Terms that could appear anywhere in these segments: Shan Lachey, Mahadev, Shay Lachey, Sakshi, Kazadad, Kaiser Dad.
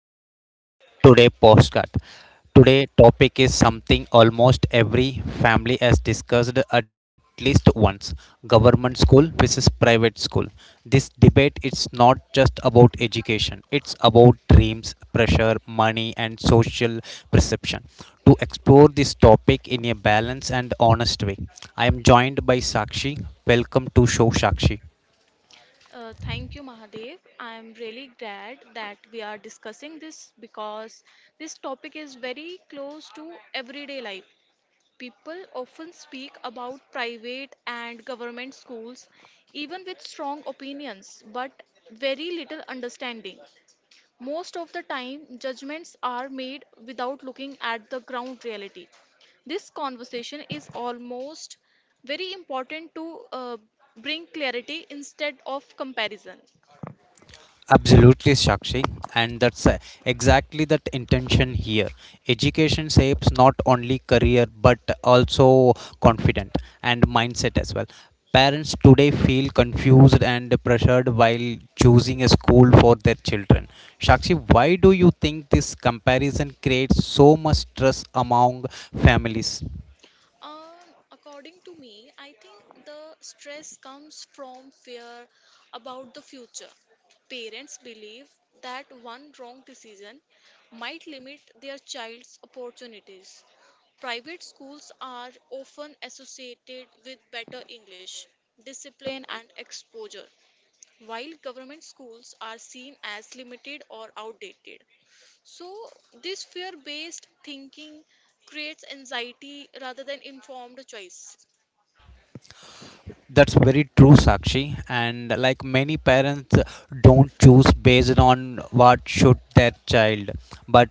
Welcome to today postcard. Today topic is something almost every family has discussed at least once. Government school versus private school. This debate is not just about education. It's about dreams, pressure, money and social perception. To explore this topic in a balanced and honest way, I am joined by Sakshi. Welcome to show Sakshi. Thank you, Mahadev. I am really glad that we are discussing this because this topic is very close to everyday life. People often speak about private and government schools, even with strong opinions, but very little understanding. Most of the time, judgments are made without looking at the ground reality. This conversation is almost very important to bring clarity instead of comparison. Absolutely, Shakshi. And that's exactly that intention here. Education shapes not only career but also confident and mindset as well. Parents today feel confused and pressured while choosing a school for their children. Shakshi, why do you think this comparison creates so much stress among families? Um, According to me, I think the stress comes from fear about the future. Parents believe that one wrong decision might limit their child's opportunities. Private schools are often associated with better English, discipline, and exposure, while government schools are seen as limited or outdated. So, this fear based thinking creates anxiety rather than informed choice. That's very true, Sakshi. And like many parents don't choose based on what should their child, but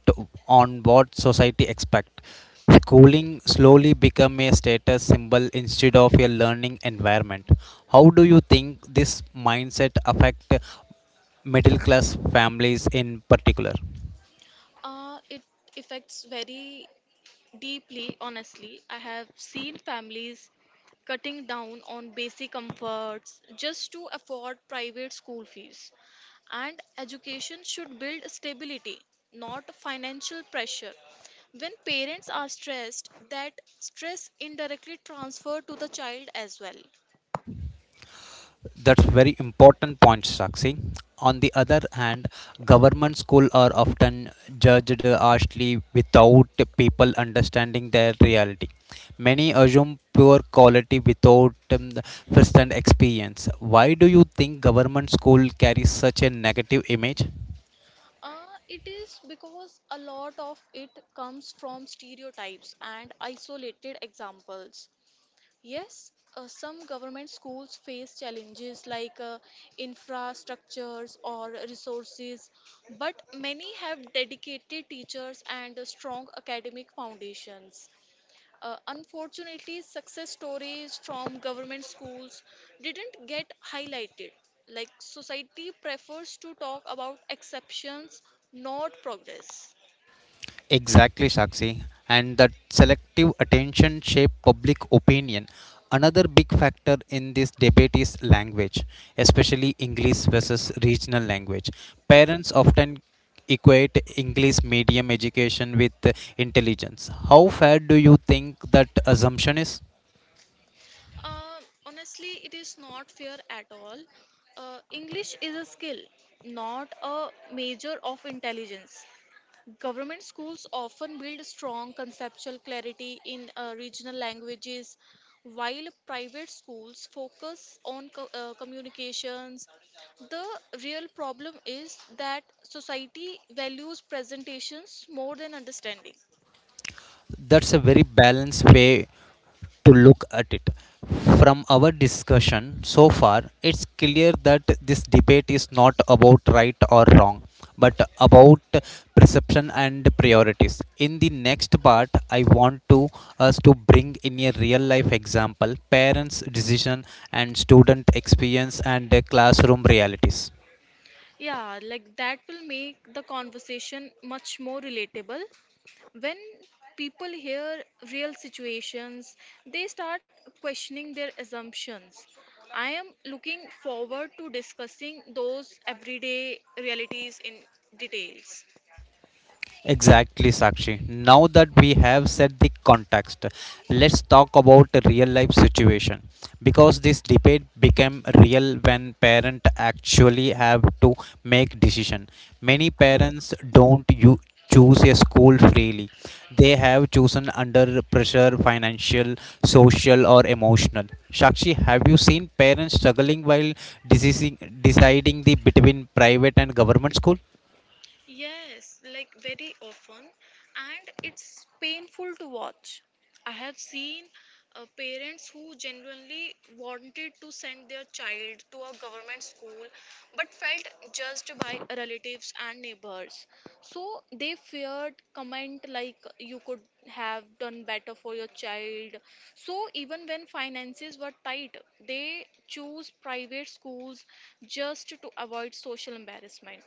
on what society expect. Schooling slowly become a status symbol instead of a learning environment. How do you think this mindset affect middle class families in particular? It affects very deeply, honestly. I have seen families cutting down on basic comforts just to afford private school fees. And education should build stability, not financial pressure. When parents are stressed, that stress indirectly transfers to the child as well. That's very important point, Sakshi. On the other hand, government school are often judged harshly without people understanding their reality. Many assume poor quality without the first-hand experience. Why do you think government school carries such a negative image? Uh, it is because a lot of it comes from stereotypes and isolated examples. Yes, some government schools face challenges like infrastructures or resources, but many have dedicated teachers and strong academic foundations. Unfortunately, success stories from government schools didn't get highlighted. Like, society prefers to talk about exceptions, not progress. Exactly, Sakshi. And that selective attention shape public opinion. Another big factor in this debate is language, especially English versus regional language. Parents often equate English medium education with intelligence. How fair do you think that assumption is? Uh, Honestly, it is not fair at all. English is a skill, not a measure of intelligence. Government schools often build strong conceptual clarity in regional languages, while private schools focus on communications. The real problem is that society values presentations more than understanding. That's a very balanced way to look at it. From our discussion so far, it's clear that this debate is not about right or wrong, but about perception and priorities. In the next part, I want to us to bring in a real life example, parents' decision and student experience and classroom realities. Yeah, like that will make the conversation much more relatable when people hear real situations, they start questioning their assumptions. I am looking forward to discussing those everyday realities in details. Exactly, Sakshi. Now that we have set the context, let's talk about a real life situation because this debate became real when parents actually have to make decision. Many parents don't you choose a school freely. They have chosen under pressure financial, social or emotional. Sakshi, have you seen parents struggling while deciding the between private and government school? Yes, like very often, and it's painful to watch. I have seen parents who genuinely wanted to send their child to a government school but felt judged by relatives and neighbors. So they feared comment like you could have done better for your child. So even when finances were tight, they choose private schools just to avoid social embarrassment.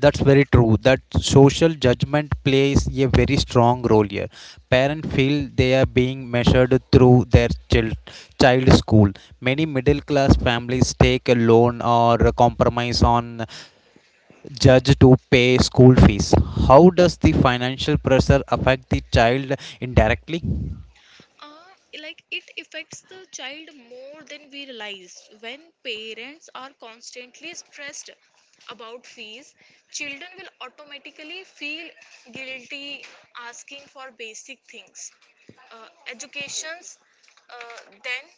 That's very true that social judgment plays a very strong role here. Parents feel they are being measured through their child school. Many middle class families take a loan or a compromise on judge to pay school fees. How does the financial pressure affect the child indirectly? uh, like it affects the child more than we realize. When parents are constantly stressed about fees, children will automatically feel guilty asking for basic things. Educations, uh, then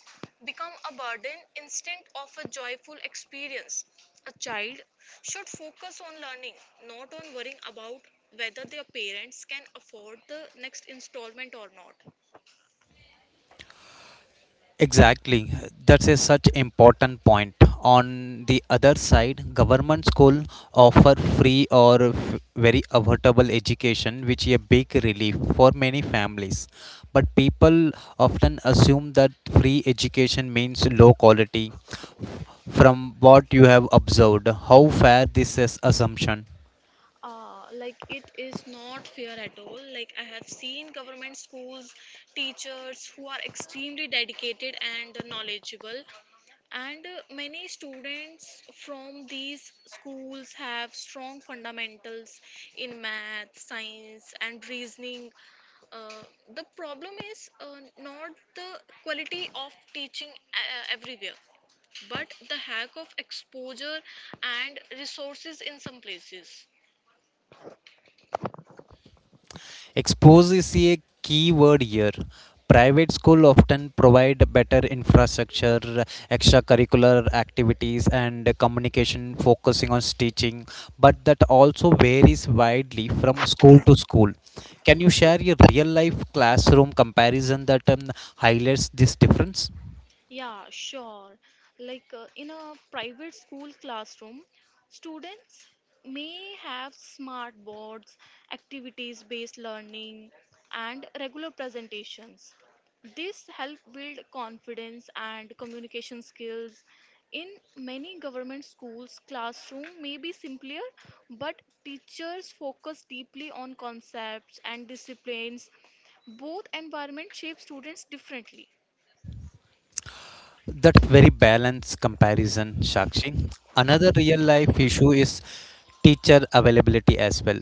become a burden instead of a joyful experience. A child should focus on learning, not on worrying about whether their parents can afford the next installment or not. Exactly. That's a such important point. On the other side, government school offer free or very affordable education, which is a big relief for many families. But people often assume that free education means low quality. From what you have observed, how fair this is assumption? Like it is not fair at all. Like I have seen government schools teachers who are extremely dedicated and knowledgeable, and many students from these schools have strong fundamentals in math, science, and reasoning. Uh, the problem is not the quality of teaching everywhere, but the lack of exposure and resources in some places. Expose is a key word here. Private school often provide better infrastructure, extracurricular activities and communication focusing on teaching, but that also varies widely from school to school. Can you share a real life classroom comparison that highlights this difference? Yeah, sure. Like in a private school classroom, students may have smart boards, activities based learning, and regular presentations. This help build confidence and communication skills. In many government schools, classroom may be simpler, but teachers focus deeply on concepts and disciplines. Both environments shape students differently. That very balanced comparison Shakshi. Another real life issue is teacher availability as well.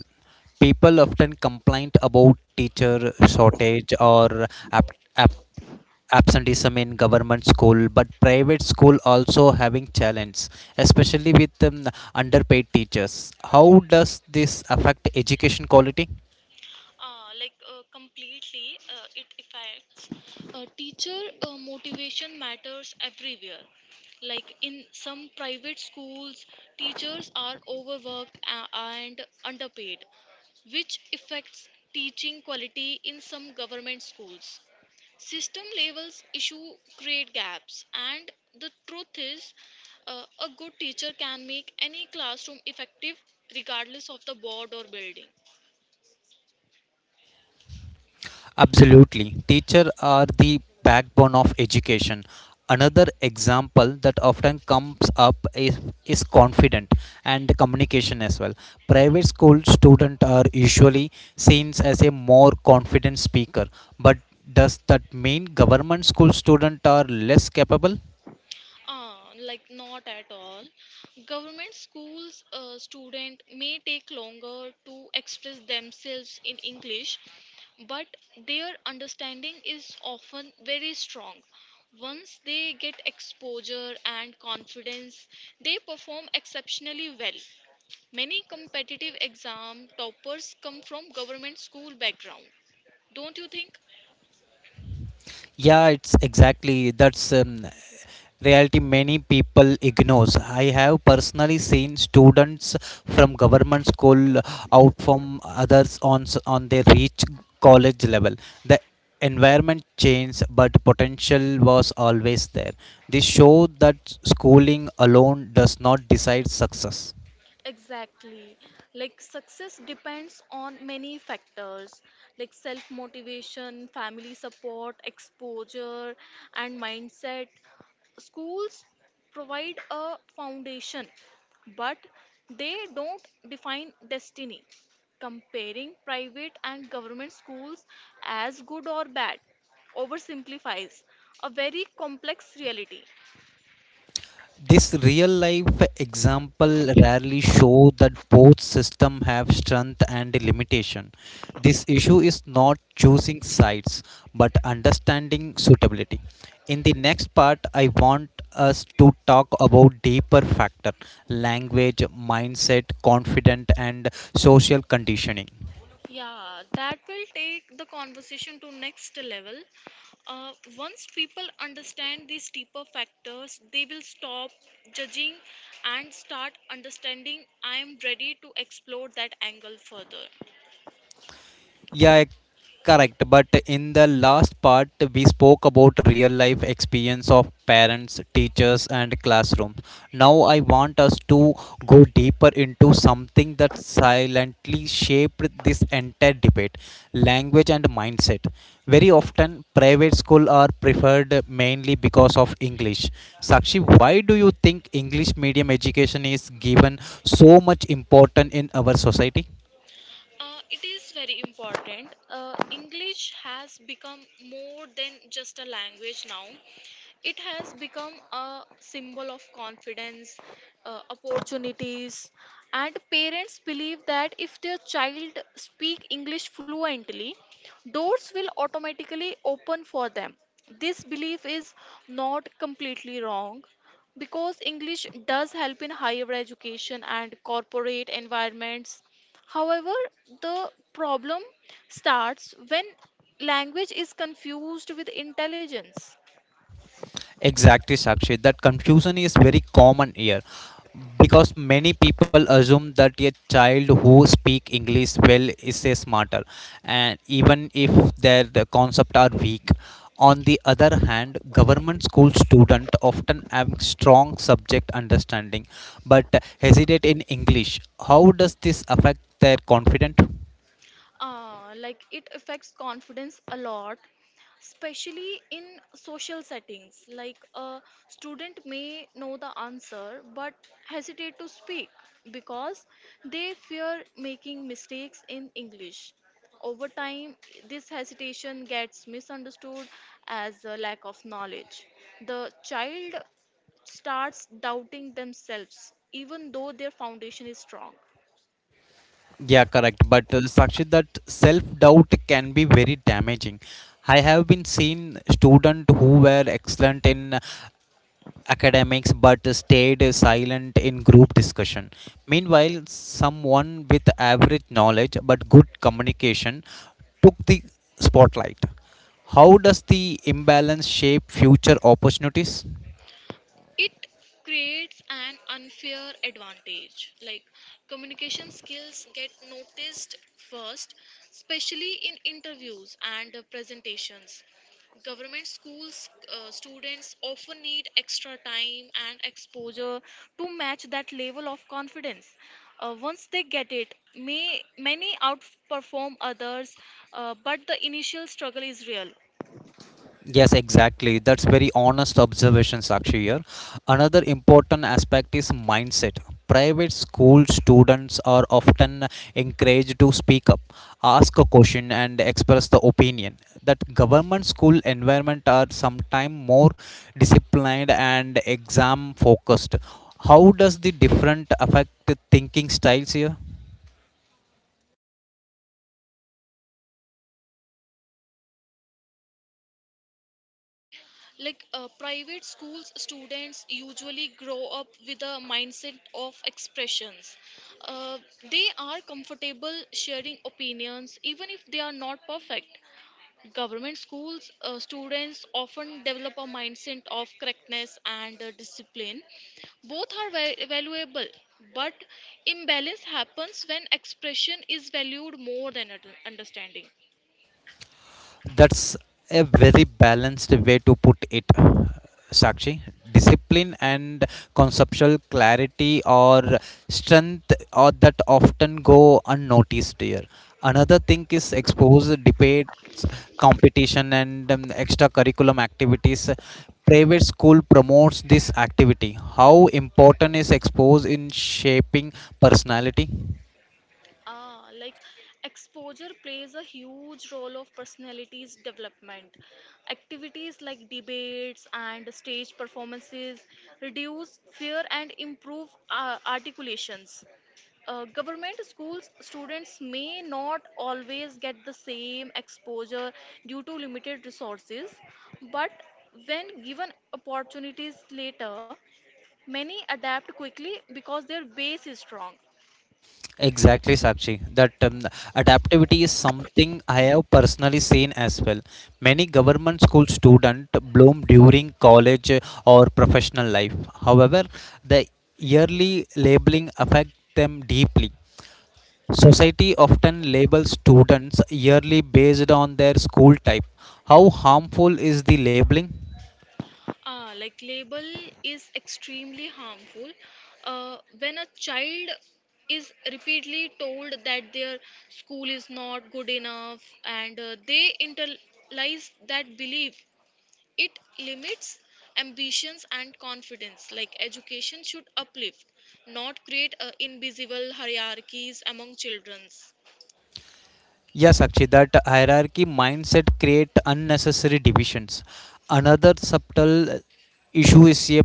People often complain about teacher shortage or ab- absenteeism in government school, but private school also having challenge, especially with underpaid teachers. How does this affect education quality? Completely, it affects. Teacher motivation matters everywhere. Like in some private schools, teachers are overworked and underpaid, which affects teaching quality in some government schools. System levels issue create gaps, and the truth is, a good teacher can make any classroom effective regardless of the board or building. Absolutely. Teachers are the backbone of education. Another example that often comes up is confident and communication as well. Private school students are usually seen as a more confident speaker, but does that mean government school students are less capable? Like not at all. Government schools student may take longer to express themselves in English, but their understanding is often very strong. Once they get exposure and confidence, they perform exceptionally well. Many competitive exam toppers come from government school background. Don't you think? Yeah, it's exactly that's reality many people ignores. I have personally seen students from government school out from others on their reach college level. The environment changed but potential was always there. This show that schooling alone does not decide success. Exactly. Like success depends on many factors like self motivation, family support, exposure, and mindset. Schools provide a foundation, but they don't define destiny. Comparing private and government schools as good or bad oversimplifies a very complex reality. This real life example rarely show that both system have strength and limitation. This issue is not choosing sides but understanding suitability. In the next part I want us to talk about deeper factor, language, mindset, confident and social conditioning. Yeah, that will take the conversation to next level. Uh, Once people understand these deeper factors, they will stop judging and start understanding. I am ready to explore that angle further. Yeah, correct. But in the last part, we spoke about real life experience of parents, teachers, and classrooms. Now, I want us to go deeper into something that silently shaped this entire debate, language and mindset. Very often, private schools are preferred mainly because of English. Sakshi, why do you think English medium education is given so much importance in our society? It is very important. English has become more than just a language now. It has become a symbol of confidence, opportunities, and parents believe that if their child speak English fluently, doors will automatically open for them. This belief is not completely wrong because English does help in higher education and corporate environments. However, the problem starts when language is confused with intelligence. Exactly, Sakshi. That confusion is very common here because many people assume that a child who speak English well is a smarter, and even if their the concept are weak. On the other hand, government school student often have strong subject understanding, but hesitate in English. How does this affect their confidence? Like it affects confidence a lot, especially in social settings. Like a student may know the answer but hesitate to speak because they fear making mistakes in english. Over time, this hesitation gets misunderstood as a lack of knowledge. The child starts doubting themselves even though their foundation is strong. Yeah, correct. But Sakshit, that self-doubt can be very damaging. I have been seen students who were excellent in academics but stayed silent in group discussion. Meanwhile, someone with average knowledge but good communication took the spotlight. How does the imbalance shape future opportunities? It creates an unfair advantage. Like communication skills get noticed first, especially in interviews and presentations. Government schools students often need extra time and exposure to match that level of confidence. Once they get it may many outperform others. But the initial struggle is real. Yes, exactly. That's very honest observation, Sakshi here. Another important aspect is mindset. Private school students are often encouraged to speak up, ask a question, and express the opinion. That government school environment are sometimes more disciplined and exam focused. How does the different affect thinking styles here? Like private schools, students usually grow up with a mindset of expressions. Uh, they are comfortable sharing opinions even if they are not perfect. Government schools, students often develop a mindset of correctness and discipline. Both are valuable, but imbalance happens when expression is valued more than understanding. That's a very balanced way to put it, Sakshi. Discipline and conceptual clarity or strength or that often go unnoticed here. Another thing is exposed debates, competition, and extracurriculum activities. Private school promotes this activity. How important is exposed in shaping personality? Ah, like exposure plays a huge role of personality's development. Activities like debates and stage performances reduce fear and improve articulations. Government schools students may not always get the same exposure due to limited resources, but when given opportunities later, many adapt quickly because their base is strong. Exactly, Sakshi. That adaptability is something I have personally seen as well. Many government school students bloom during college or professional life. However, the yearly labeling affect them deeply. Society often labels students yearly based on their school type. How harmful is the labeling? Ah, like label is extremely harmful. When a child is repeatedly told that their school is not good enough and they internalize that belief, it limits ambitions and confidence. Like education should uplift, not create invisible hierarchies among children. Yes, actually, that hierarchy mindset create unnecessary divisions. Another subtle issue is a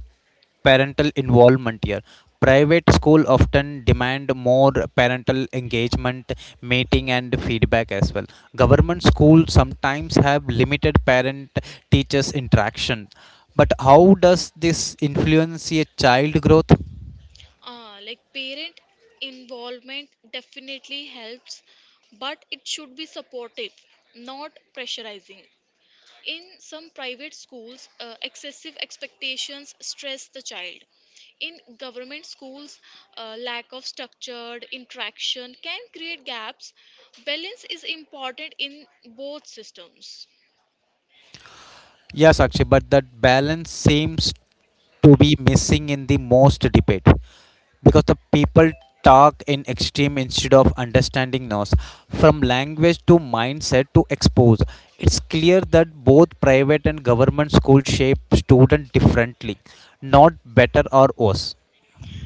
parental involvement here. Private school often demand more parental engagement, meeting, and feedback as well. Government schools sometimes have limited parent-teachers interaction. But how does this influence a child growth? Like parent involvement definitely helps, but it should be supportive, not pressurizing. In some private schools, excessive expectations stress the child. In government schools, lack of structured interaction can create gaps. Balance is important in both systems. Yes, actually, but that balance seems to be missing in the most debate, because the people talk in extreme instead of understanding us. From language to mindset to expose, it's clear that both private and government school shape student differently, not better or worse.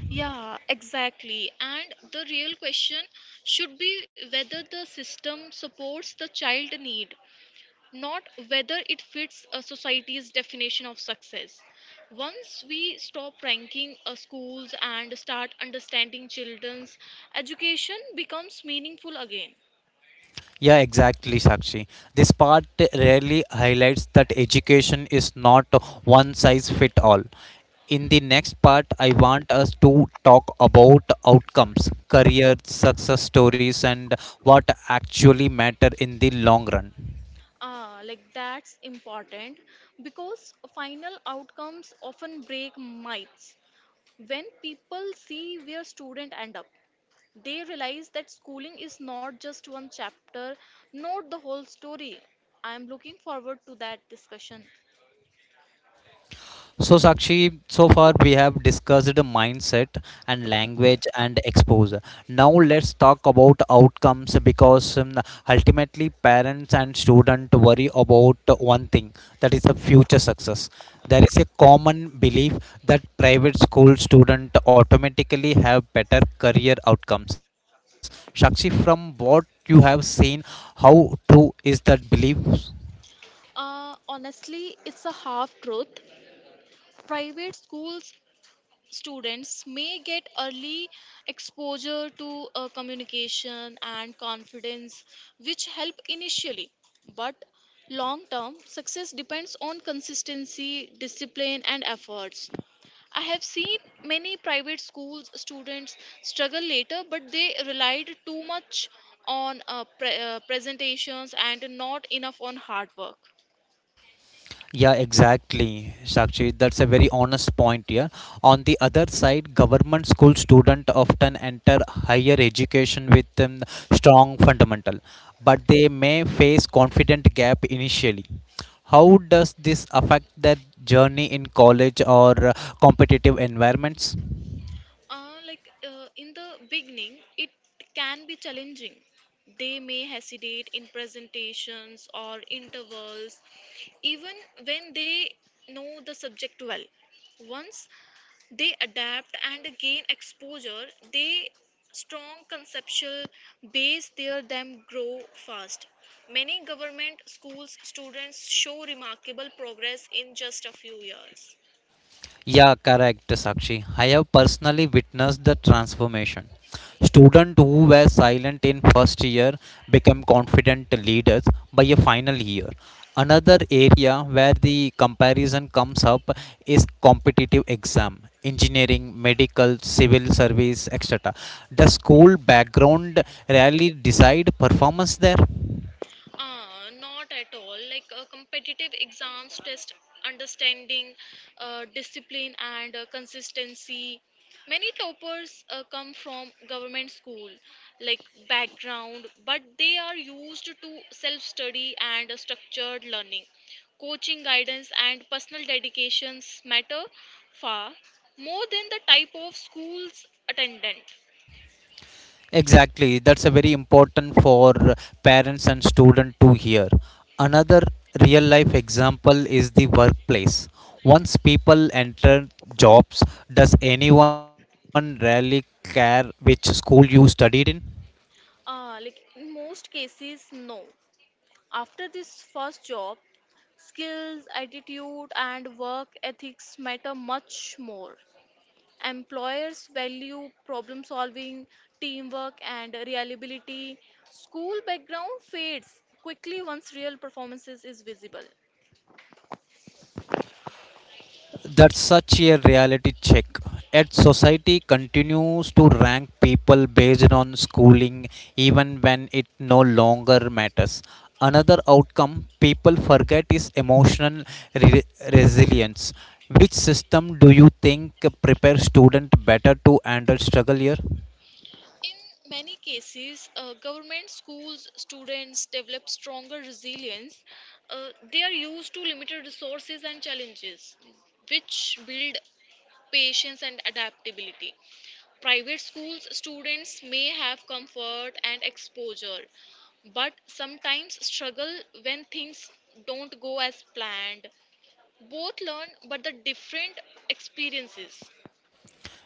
Yeah, exactly. And the real question should be whether the system supports the child need, not whether it fits a society's definition of success. Once we stop ranking schools and start understanding children's, education becomes meaningful again. Yeah, exactly, Sakshi. This part rarely highlights that education is not one size fit all. In the next part, I want us to talk about outcomes, career, success stories, and what actually matter in the long run. Ah, like that's important because final outcomes often break myths. When people see where students end up, they realize that schooling is not just one chapter, not the whole story. I am looking forward to that discussion. So, Sakshi, so far we have discussed the mindset and language and exposure. Now, let's talk about outcomes because ultimately, parents and students worry about one thing, that is the future success. There is a common belief that private school students automatically have better career outcomes. Sakshi, from what you have seen, how true is that belief? Honestly, it's a half truth. Private schools students may get early exposure to communication and confidence, which help initially. But long term success depends on consistency, discipline, and efforts. I have seen many private schools students struggle later, but they relied too much on presentations and not enough on hard work. Yeah, exactly, Sakshi. That's a very honest point here. On the other side, government school students often enter higher education with strong fundamental, but they may face confident gap initially. How does this affect their journey in college or competitive environments? In the beginning, it can be challenging. They may hesitate in presentations or intervals, even when they know the subject well. Once they adapt and gain exposure, they strong conceptual base there them grow fast. Many government schools students show remarkable progress in just a few years. Yeah, correct, Sakshi. I have personally witnessed the transformation. Students who were silent in first year became confident leaders by a final year. Another area where the comparison comes up is competitive exam, engineering, medical, civil service, etc. The school background rarely decide performance there. Not at all. Like competitive exams test understanding, discipline, and consistency. Many toppers come from government school, like background, but they are used to self study and structured learning. Coaching guidance and personal dedications matter far more than the type of school's attendant. Exactly, that's a very important for parents and student to hear. Another real life example is the workplace. Once people enter jobs, does anyone really care which school you studied in? Like in most cases, no. After this first job, skills, attitude, and work ethics matter much more. Employers value problem solving, teamwork, and reliability. School background fades quickly once real performances is visible. That's such a reality check. Yet society continues to rank people based on schooling even when it no longer matters. Another outcome people forget is emotional re- resilience. Which system do you think prepare student better to handle struggle year? In many cases, government schools students develop stronger resilience. They are used to limited resources and challenges, which build patience and adaptability. Private schools students may have comfort and exposure, but sometimes struggle when things don't go as planned. Both learn, but the different experiences.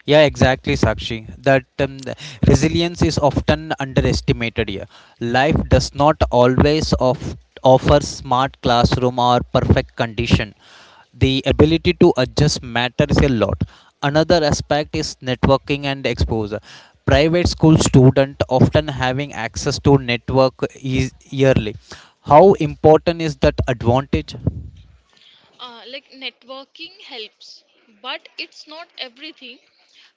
Yeah, exactly, Sakshi. That the resilience is often underestimated here. Life does not always offer smart classroom or perfect condition. The ability to adjust matters a lot. Another aspect is networking and exposure. Private school student often having access to network is yearly. How important is that advantage? Like networking helps, but it's not everything.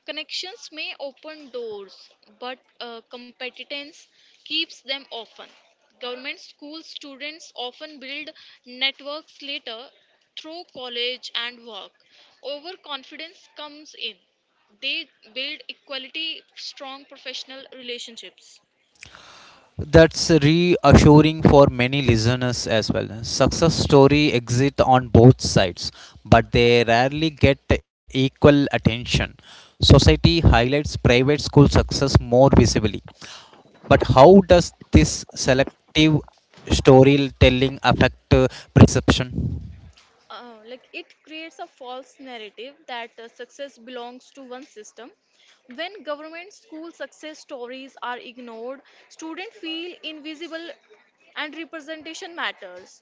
Connections may open doors, but competence keeps them often. Government school students often build networks later through college and work. Overconfidence comes in, they build equality strong professional relationships. That's reassuring for many listeners as well. Success story exist on both sides, but they rarely get equal attention. Society highlights private school success more visibly. But how does this selective storytelling affect perception? Like it creates a false narrative that success belongs to one system. When government school success stories are ignored, students feel invisible, and representation matters.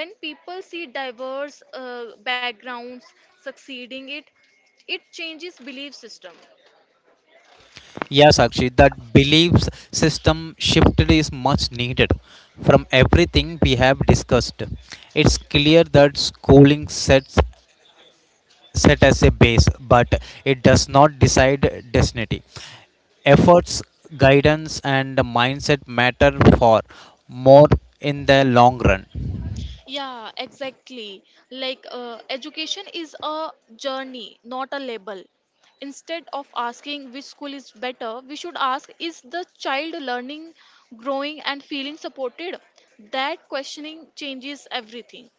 When people see diverse backgrounds succeeding, it changes belief system. Yes, actually, that beliefs system shift is much needed. From everything we have discussed, it's clear that schooling set as a base, but it does not decide destiny. Efforts, guidance, and mindset matter for more in the long run. Yeah, exactly. Like education is a journey, not a label. Instead of asking which school is better, we should ask is the child learning, growing, and feeling supported? That questioning changes everything.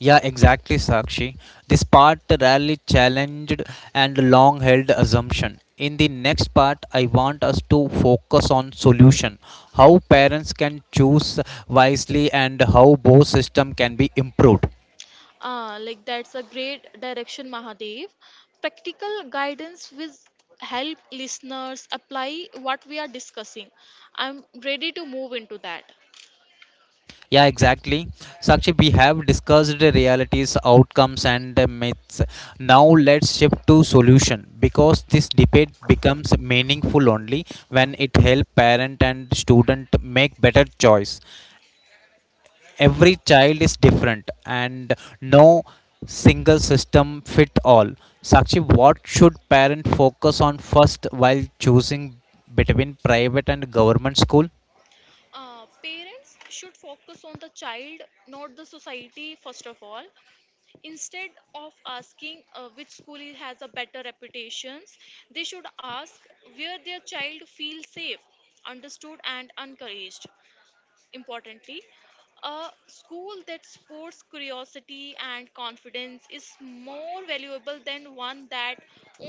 Yeah, exactly, Sakshi. This part rarely challenged and long held assumption. In the next part, I want us to focus on solution, how parents can choose wisely and how both system can be improved. Like that's a great direction, Mahadev. Practical guidance will help listeners apply what we are discussing. I'm ready to move into that. Yeah, exactly. Sakshi, we have discussed the realities, outcomes, and the myths. Now let's shift to solution because this debate becomes meaningful only when it helps parent and student make better choice. Every child is different, and no single system fit all. Sakshi, what should parent focus on first while choosing between private and government school? Parents should focus on the child, not the society, first of all. Instead of asking which has a better reputations, they should ask where their child feels safe, understood, and encouraged importantly, a school that supports curiosity and confidence is more valuable than one that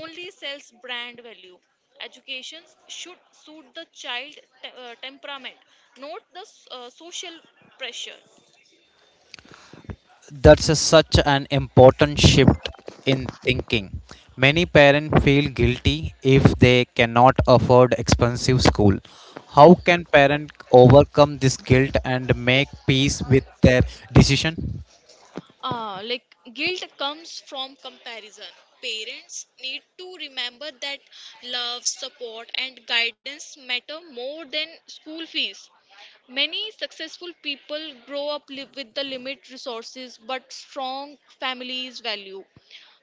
only sells brand value. Education should suit the child temperament, not the social pressure. That's a, such an important shift in thinking. Many parents feel guilty if they cannot afford expensive school. How can parents overcome this guilt and make peace with their decision? Like guilt comes from comparison. Parents need to remember that love, support, and guidance matter more than school fees. Many successful people grow up with the limit resources, but strong families value.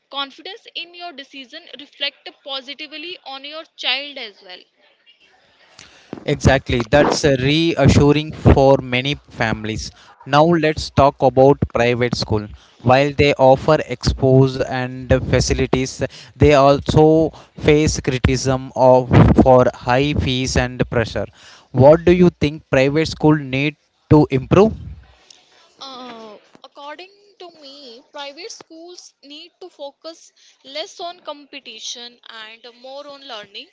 Confidence in your decision reflect positively on your child as well. Exactly, that's a reassuring for many families. Now, let's talk about private school. While they offer expose and facilities, they also face criticism of for high fees and pressure. What do you think private school need to improve? Uh, According to me, private schools need to focus less on competition and more on learning.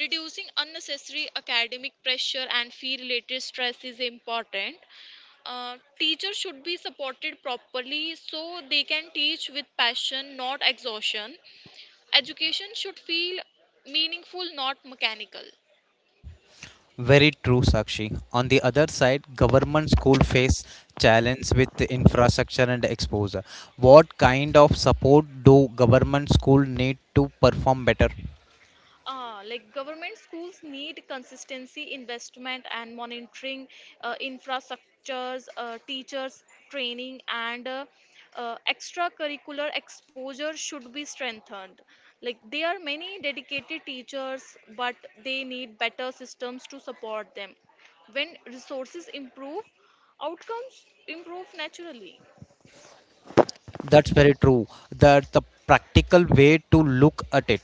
Reducing unnecessary academic pressure and fee related stress is important. Teachers should be supported properly so they can teach with passion, not exhaustion. Education should feel meaningful, not mechanical. Very true, Sakshi. On the other side, government school face challenge with infrastructure and exposure. What kind of support do government school need to perform better? Like government schools need consistency, investment, and monitoring, infrastructures, teachers training, and extracurricular exposure should be strengthened. Like there are many dedicated teachers, but they need better systems to support them. When resources improve, outcomes improve naturally. That's very true. That the practical way to look at it.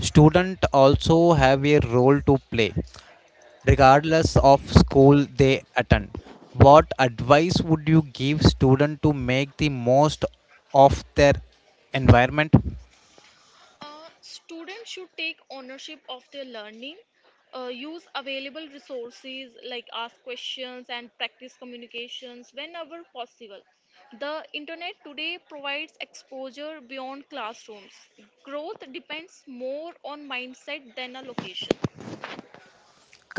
Student also have a role to play, regardless of school they attend. What advice would you give student to make the most of their environment? Uh, Students should take ownership of their learning, use available resources like ask questions and practice communications whenever possible. The internet today provides exposure beyond classrooms. Growth depends more on mindset than a location.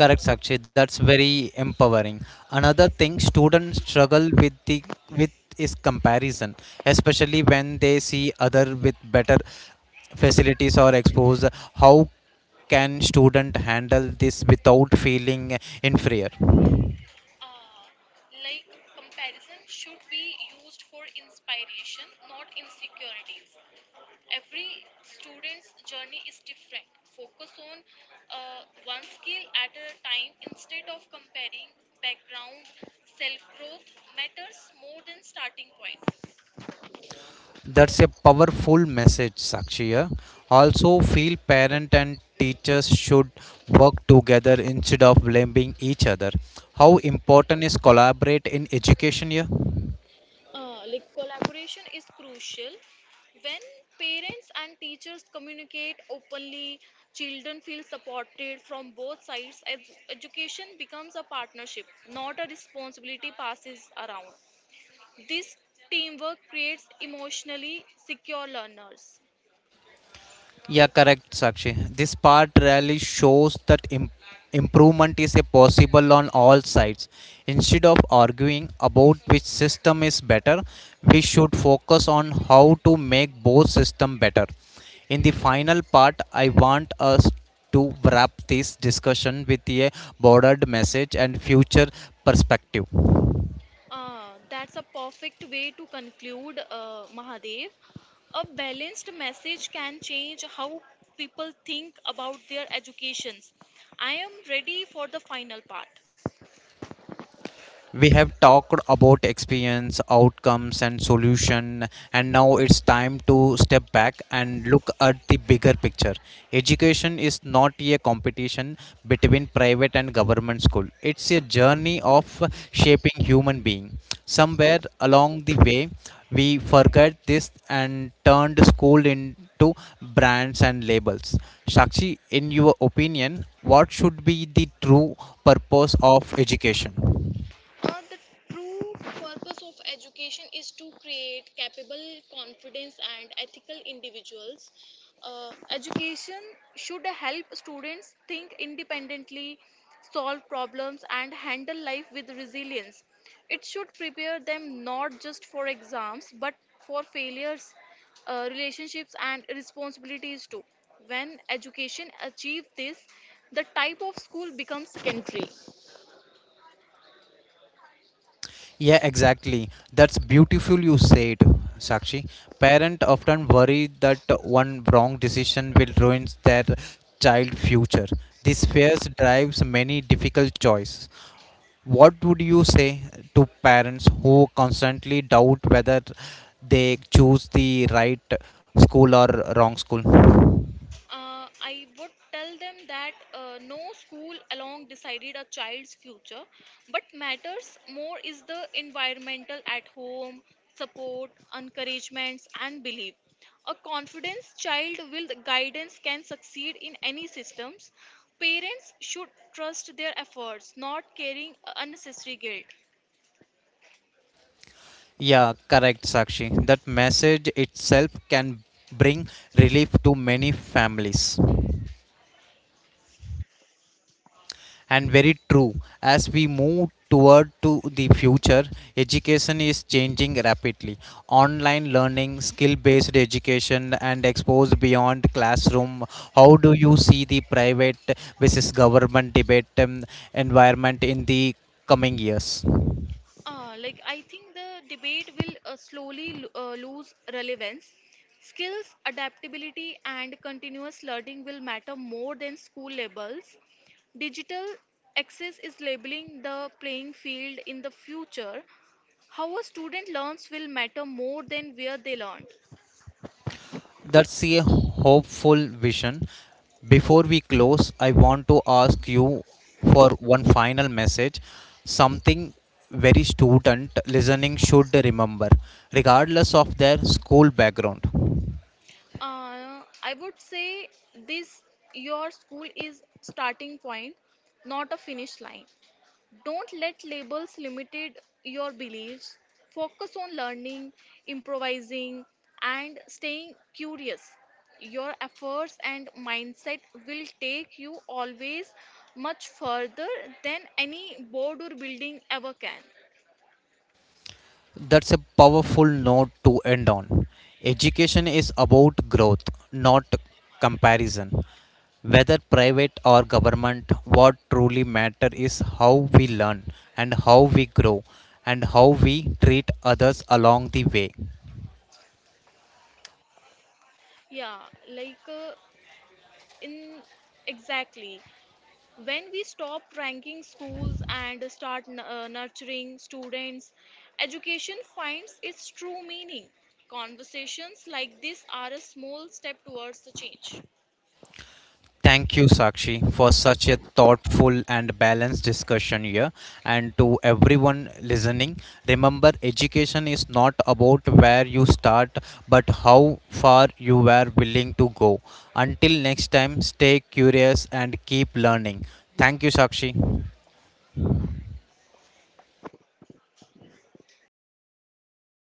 Correct, Sakshi. That's very empowering. Another thing students struggle with is comparison, especially when they see other with better facilities or exposure. How can student handle this without feeling inferior? Uh, like comparison should be used for inspiration, not insecurities. Every student's journey is different. Focus on one skill at a time instead of comparing background. Self growth matters more than starting point. That's a powerful message, Sakshi. Yeah. Also, feel parent and teachers should work together instead of blaming each other. How important is collaborate in education here? Like collaboration is crucial. When parents and teachers communicate openly, children feel supported from both sides. Education becomes a partnership, not a responsibility passes around. This teamwork creates emotionally secure learners. Yeah, correct, Sakshi. This part really shows that improvement is a possible on all sides. Instead of arguing about which system is better, we should focus on how to make both systems better. In the final part, I want us to wrap this discussion with a broader message and future perspective. That's a perfect way to conclude, Mahadev. A balanced message can change how people think about their educations. I am ready for the final part. We have talked about experience outcomes and solution, and now it's time to step back and look at the bigger picture. Education is not a competition between private and government school. It's a journey of shaping human being. Somewhere along the way we forgot this and turned school into brands and labels. Shakshi, in your opinion, what should be the true purpose of education? The true purpose of education is to create capable, confident, and ethical individuals. Education should help students think independently, solve problems, and handle life with resilience. It should prepare them not just for exams but for failures, relationships, and responsibilities too. When education achieves this, the type of school becomes secondary. Yeah, exactly. That's beautiful you said, Sakshi. Parent often worry that one wrong decision will ruin their child future. This fears drives many difficult choices. What would you say to parents who constantly doubt whether they choose the right school or wrong school? I would tell them that no school alone decided a child's future, but matters more is the environmental at home, support, encouragements, and belief. A confidence child with guidance can succeed in any systems. Parents should trust their efforts, not carrying unnecessary guilt. Yeah, correct, Sakshi. That message itself can bring relief to many families. And very true, as we move toward to the future, education is changing rapidly. Online learning, skill based education and exposed beyond classroom. How do you see the private versus government debate environment in the coming years? Like I think the debate will slowly lose relevance. Skills, adaptability, and continuous learning will matter more than school labels. Digital access is labeling the playing field in the future. How a student learns will matter more than where they learned. That's a hopeful vision. Before we close, I want to ask you for one final message, something very student listening should remember, regardless of their school background. I would say this your school is starting point, not a finish line. Don't let labels limited your beliefs. Focus on learning, improvising, and staying curious. Your efforts and mindset will take you always much further than any board or building ever can. That's a powerful note to end on. Education is about growth, not comparison. Whether private or government, what truly matters is how we learn and how we grow and how we treat others along the way. Yeah, like in exactly when we stop ranking schools and start nurturing students education finds its true meaning conversations like this are a small step towards the change Thank you, Sakshi, for such a thoughtful and balanced discussion here. And to everyone listening, remember education is not about where you start, but how far you were willing to go. Until next time, stay curious and keep learning. Thank you, Sakshi.